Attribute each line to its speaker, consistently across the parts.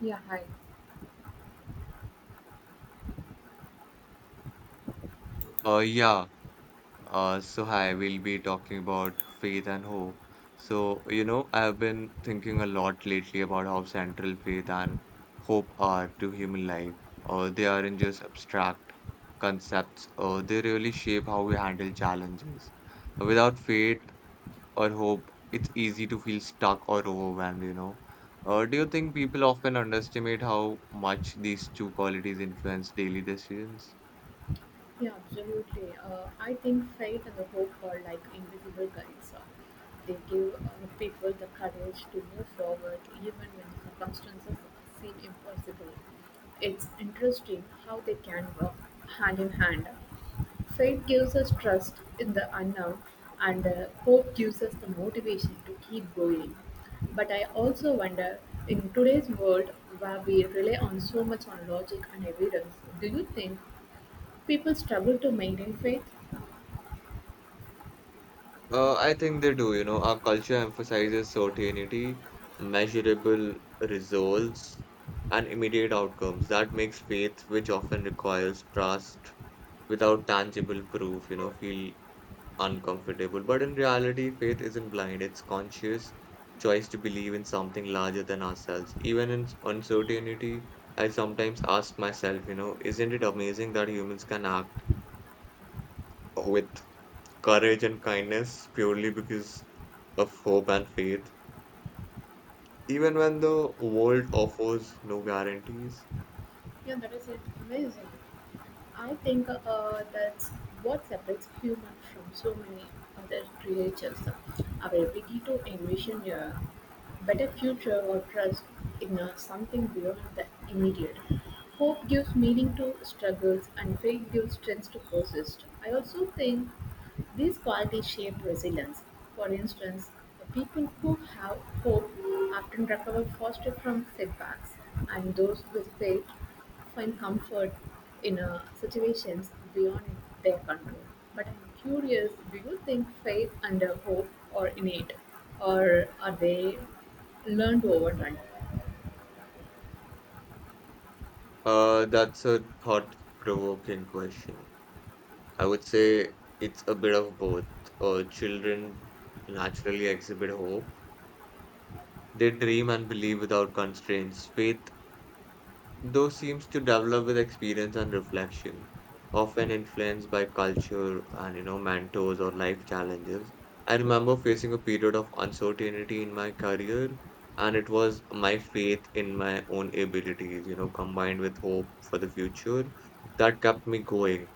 Speaker 1: Yeah, hi.
Speaker 2: Uh, yeah, so I will be talking about faith and hope. I've been thinking a lot lately about how central faith and hope are to human life. They aren't just abstract concepts, they really shape how we handle challenges. Without faith or hope, it's easy to feel stuck or overwhelmed. Do you think people often underestimate how much these two qualities influence daily decisions?
Speaker 1: Yeah, absolutely. I think faith and the hope are like invisible guides. They give people the courage to move forward even when circumstances seem impossible. It's interesting how they can work hand in hand. Faith gives us trust in the unknown, and hope gives us the motivation to keep going. But I also wonder, in today's world where we rely on so much on logic and evidence, do you think people struggle to maintain faith?
Speaker 2: I think they do. You know, our culture emphasizes certainty, measurable results, and immediate outcomes. That makes faith, which often requires trust without tangible proof, feel uncomfortable. But in reality, faith isn't blind, it's conscious choice to believe in something larger than ourselves. Even in uncertainty, I sometimes ask myself, isn't it amazing that humans can act with courage and kindness purely because of hope and faith, even when the world offers no guarantees?
Speaker 1: Yeah, that is it. Amazing. I think that's what separates human from so many other creatures. Our ability to envision a better future or trust in something beyond the immediate. Hope gives meaning to struggles and faith gives strength to persist. I also think these qualities shape resilience. For instance, the people who have hope often recover faster from setbacks, and those who fail find comfort in situations beyond their control. But I'm curious, do you think faith and hope are innate, or are they learned over time?
Speaker 2: That's a thought-provoking question. I would say it's a bit of both. Children naturally exhibit hope. They dream and believe without constraints. Faith Those seems to develop with experience and reflection, often influenced by culture and mentors or life challenges. I remember facing a period of uncertainty in my career, and it was my faith in my own abilities, combined with hope for the future, that kept me going.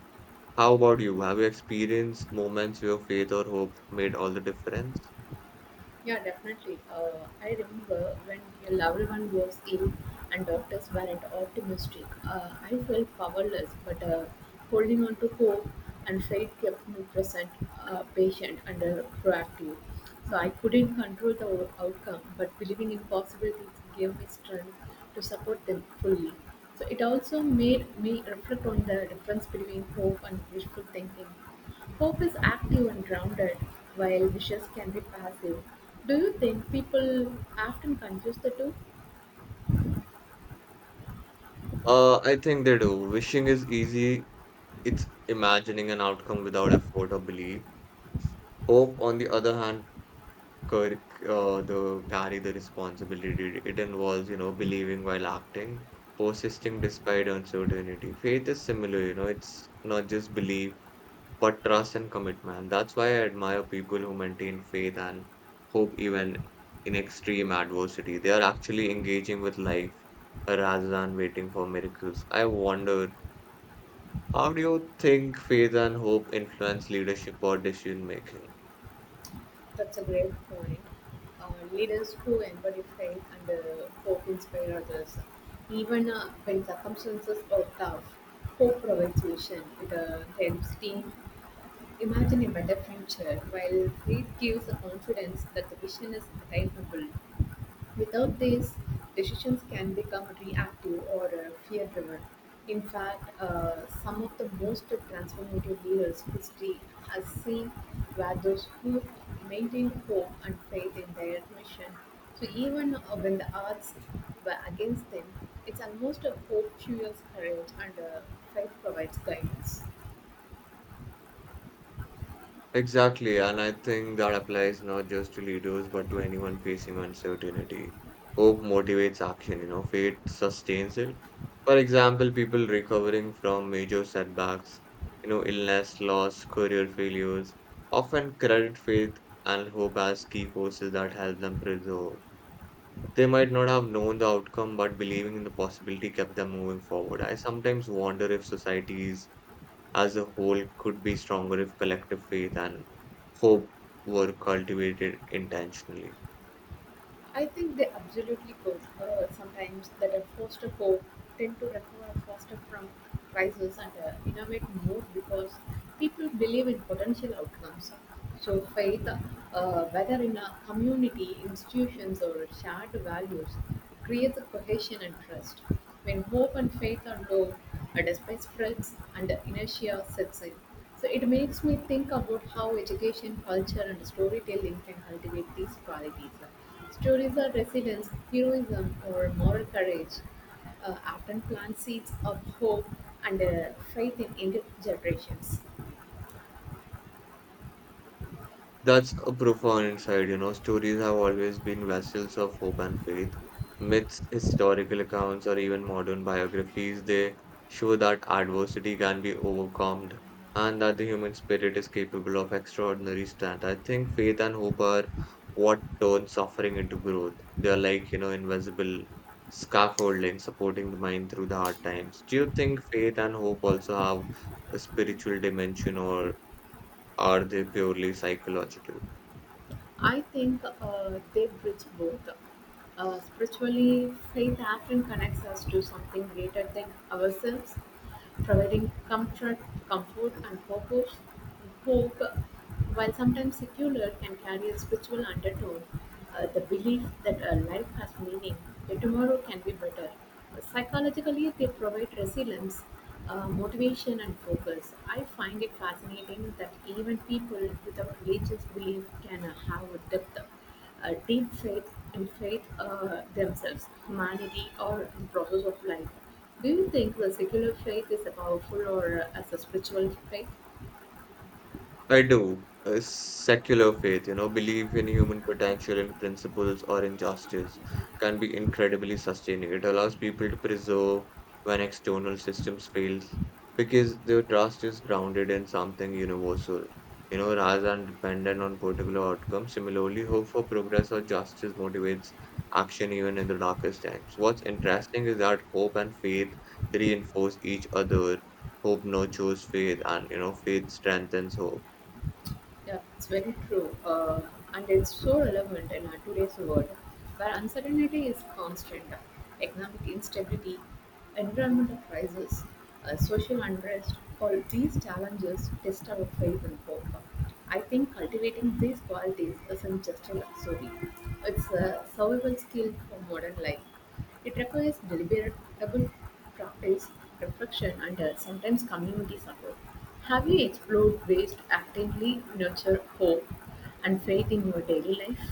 Speaker 2: How about you? Have you experienced moments where faith or hope made all the difference?
Speaker 1: Yeah, definitely. I remember when a loved one was ill and doctors weren't optimistic. I felt powerless, but holding on to hope and faith kept me present, patient, and proactive. So I couldn't control the outcome, but believing in possibilities gave me strength to support them fully. So it also made me reflect on the difference between hope and wishful thinking. Hope is active and grounded, while wishes can be passive. Do you think people often confuse the two?
Speaker 2: I think they do. Wishing is easy, it's imagining an outcome without effort or belief. Hope, on the other hand, cur- the carry the responsibility. It involves, believing while acting, persisting despite uncertainty. Faith is similar, it's not just belief, but trust and commitment. That's why I admire people who maintain faith and hope even in extreme adversity. They are actually engaging with life rather than waiting for miracles. I wonder, how do you think faith and hope influence leadership or decision making?
Speaker 1: That's a great point. Leaders who embody faith and hope inspire others. Even when circumstances are tough, hope provides vision. It helps team imagine a better future, while faith gives the confidence that the vision is attainable. Without this, decisions can become reactive or fear driven. In fact, some of the most transformative leaders history has seen were those who maintained hope and faith in their mission. So, even when the odds were against them, it's almost a hope fuels courage and faith provides guidance.
Speaker 2: Exactly, and I think that applies not just to leaders but to anyone facing uncertainty. Hope motivates action, faith sustains it. For example, people recovering from major setbacks, illness, loss, career failures, often credit faith and hope as key forces that help them preserve. They might not have known the outcome, but believing in the possibility kept them moving forward. I sometimes wonder if societies as a whole could be stronger if collective faith and hope were cultivated intentionally.
Speaker 1: I think they absolutely could. Sometimes that a foster hope tend to recover faster from crisis and innovate more because people believe in potential outcomes. So faith, whether in a community, institutions, or shared values, creates a cohesion and trust. When hope and faith are low, a despair spreads and inertia sets in. So it makes me think about how education, culture, and storytelling can cultivate these qualities. Stories of resilience, heroism, or moral courage often plant seeds of hope and faith in younger generations.
Speaker 2: That's a profound insight. You know, stories have always been vessels of hope and faith. Myths, historical accounts, or even modern biographies, they show that adversity can be overcome and that the human spirit is capable of extraordinary strength. I think faith and hope are what turn suffering into growth. They are like invisible scaffolding supporting the mind through the hard times. Do you think faith and hope also have a spiritual dimension or are they purely psychological?
Speaker 1: I think they bridge both. Spiritually, faith often connects us to something greater than ourselves, providing comfort, comfort and purpose, hope, while sometimes secular can carry a spiritual undertone, the belief that life has meaning, that tomorrow can be better. Psychologically, they provide resilience, motivation and focus. I find it fascinating that even people without religious belief can have a depth, deep faith in faith, themselves, humanity, or the process of life. Do you think the secular faith is a powerful or as a spiritual faith?
Speaker 2: I do. A secular faith, belief in human potential and principles or in justice can be incredibly sustaining. It allows people to preserve when external systems fail because their trust is grounded in something universal, rather than dependent on particular outcomes. Similarly, hope for progress or justice motivates action even in the darkest times. What's interesting is that hope and faith reinforce each other. Hope nurtures faith, and faith strengthens hope.
Speaker 1: Yeah, it's very true. And it's so relevant in our today's world where uncertainty is constant, economic instability, environmental crisis, social unrest, all these challenges test our faith and hope. I think cultivating these qualities isn't just a luxury, it's a survival skill for modern life. It requires deliberate practice, reflection, and sometimes community support. Have you explored ways to actively nurture hope and faith in your daily life?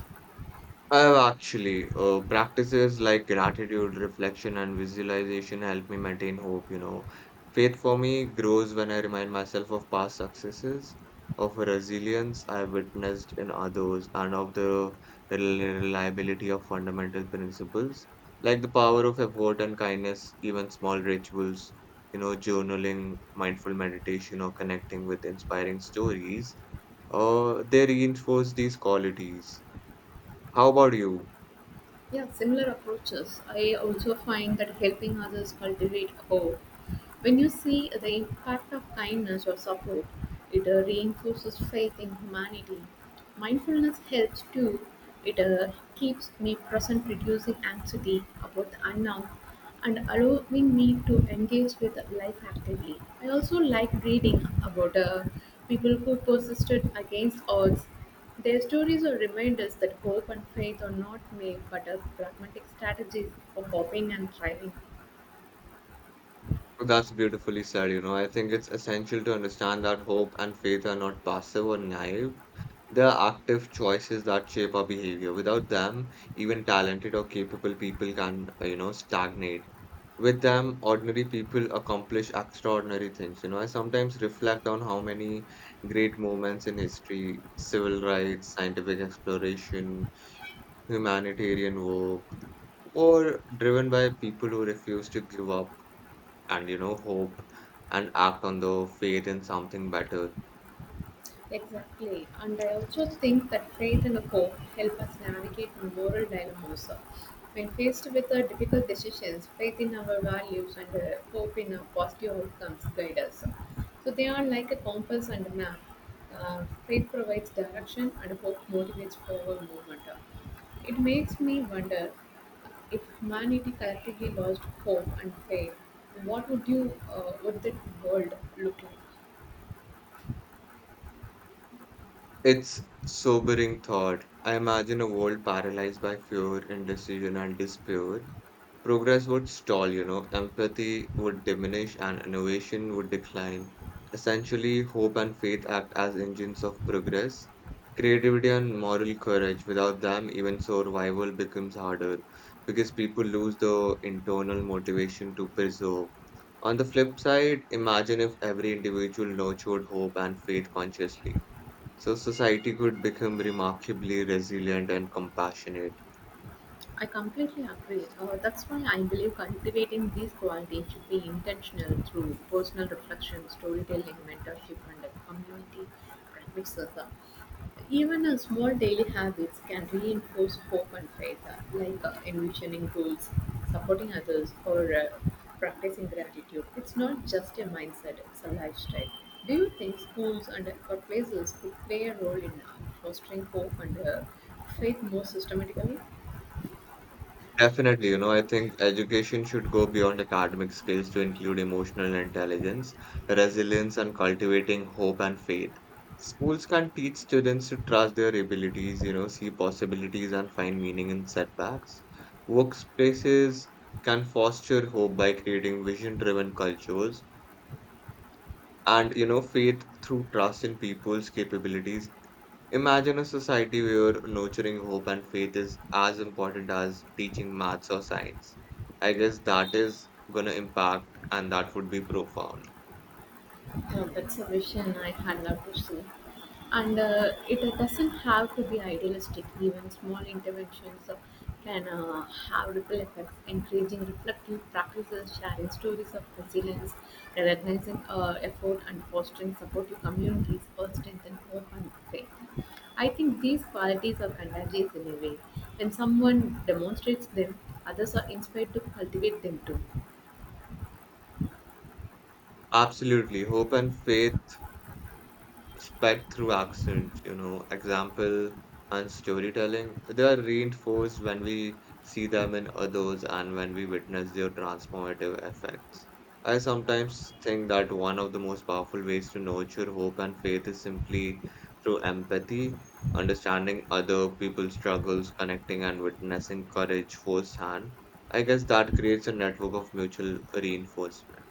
Speaker 2: I have actually practices like gratitude, reflection, and visualization help me maintain hope. Faith for me grows when I remind myself of past successes, of resilience I witnessed in others, and of the reliability of fundamental principles like the power of effort and kindness, even small rituals. You know, journaling, mindful meditation, or connecting with inspiring stories. They reinforce these qualities. How about you?
Speaker 1: Yeah, similar approaches. I also find that helping others cultivate hope. When you see the impact of kindness or support, it reinforces faith in humanity. Mindfulness helps too. It keeps me present, reducing anxiety about the unknown and allowing me to engage with life actively. I also like reading about people who persisted against odds. Their stories are reminders that hope and faith are not myths but are pragmatic strategies for coping and thriving.
Speaker 2: That's beautifully said. I think it's essential to understand that hope and faith are not passive or naive. They are active choices that shape our behavior. Without them, even talented or capable people can stagnate. With them, ordinary people accomplish extraordinary things. You know, I sometimes reflect on how many great moments in history, civil rights, scientific exploration, humanitarian work, were driven by people who refused to give up and hope and act on the faith in something better.
Speaker 1: Exactly. And I also think that faith and hope help us navigate moral dilemmas. When faced with difficult decisions, faith in our values and hope in positive outcomes guide us. So they are like a compass and a map. Faith provides direction and hope motivates forward movement. It makes me wonder, if humanity collectively lost hope and faith, what would you would the world look like?
Speaker 2: It's sobering thought. I imagine a world paralyzed by fear, indecision, and despair. Progress would stall, empathy would diminish, and innovation would decline. Essentially, hope and faith act as engines of progress. Creativity and moral courage, without them, even survival becomes harder because people lose the internal motivation to preserve. On the flip side, imagine if every individual nurtured hope and faith consciously so society could become remarkably resilient and compassionate.
Speaker 1: I completely agree. That's why I believe cultivating these qualities should be intentional through personal reflection, storytelling, mentorship, and community practices. Even small daily habits can reinforce hope and faith, like envisioning goals, supporting others, or practicing gratitude. It's not just a mindset, it's a lifestyle. Do you think schools and workplaces could play a role in fostering hope and faith more systematically?
Speaker 2: Definitely, I think education should go beyond academic skills to include emotional intelligence, resilience, and cultivating hope and faith. Schools can teach students to trust their abilities, see possibilities and find meaning in setbacks. Workspaces can foster hope by creating vision-driven cultures and faith through trust in people's capabilities. Imagine a society where nurturing hope and faith is as important as teaching maths or science. I guess that is going to impact and that would be profound.
Speaker 1: No, that's a vision I had love to see. And it doesn't have to be idealistic. Even small interventions can have ripple effects. Encouraging reflective practices, sharing stories of resilience, recognizing effort, and fostering supportive communities all strengthen hope and faith. I think these qualities are contagious in a way. When someone demonstrates them, others are inspired to cultivate them too.
Speaker 2: Absolutely. Hope and faith spread through accents, example and storytelling. They are reinforced when we see them in others and when we witness their transformative effects. I sometimes think that one of the most powerful ways to nurture hope and faith is simply through empathy, understanding other people's struggles, connecting and witnessing courage firsthand. I guess that creates a network of mutual reinforcement.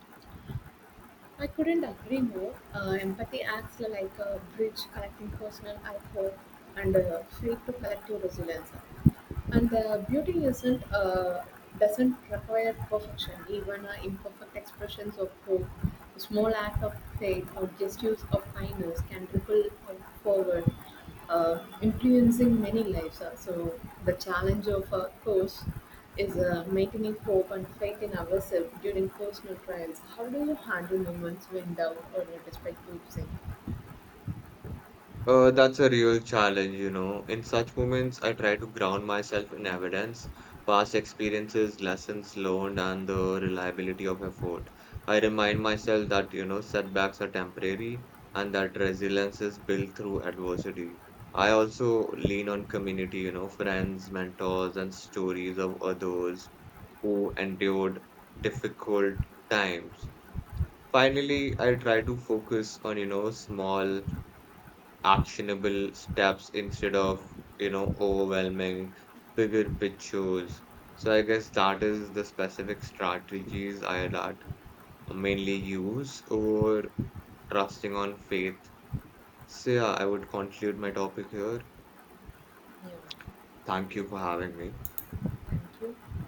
Speaker 1: I couldn't agree more. Empathy acts like a bridge connecting personal output and faith to collective resilience. And the beauty isn't doesn't require perfection. Even imperfect expressions of hope, a small act of faith, or gestures of kindness can ripple out forward, influencing many lives. So the challenge of a coach is maintaining hope and faith in ourselves during personal trials. How do you handle moments when doubt or disrespect losing?
Speaker 2: That's a real challenge. In such moments, I try to ground myself in evidence, past experiences, lessons learned, and the reliability of effort. I remind myself that setbacks are temporary and that resilience is built through adversity. I also lean on community, friends, mentors, and stories of others who endured difficult times. Finally, I try to focus on small actionable steps instead of overwhelming bigger pictures. So I guess that is the specific strategies I that mainly use over trusting on faith. So yeah, I would conclude my topic here.
Speaker 1: Yeah,
Speaker 2: Thank you for having me.
Speaker 1: thank you.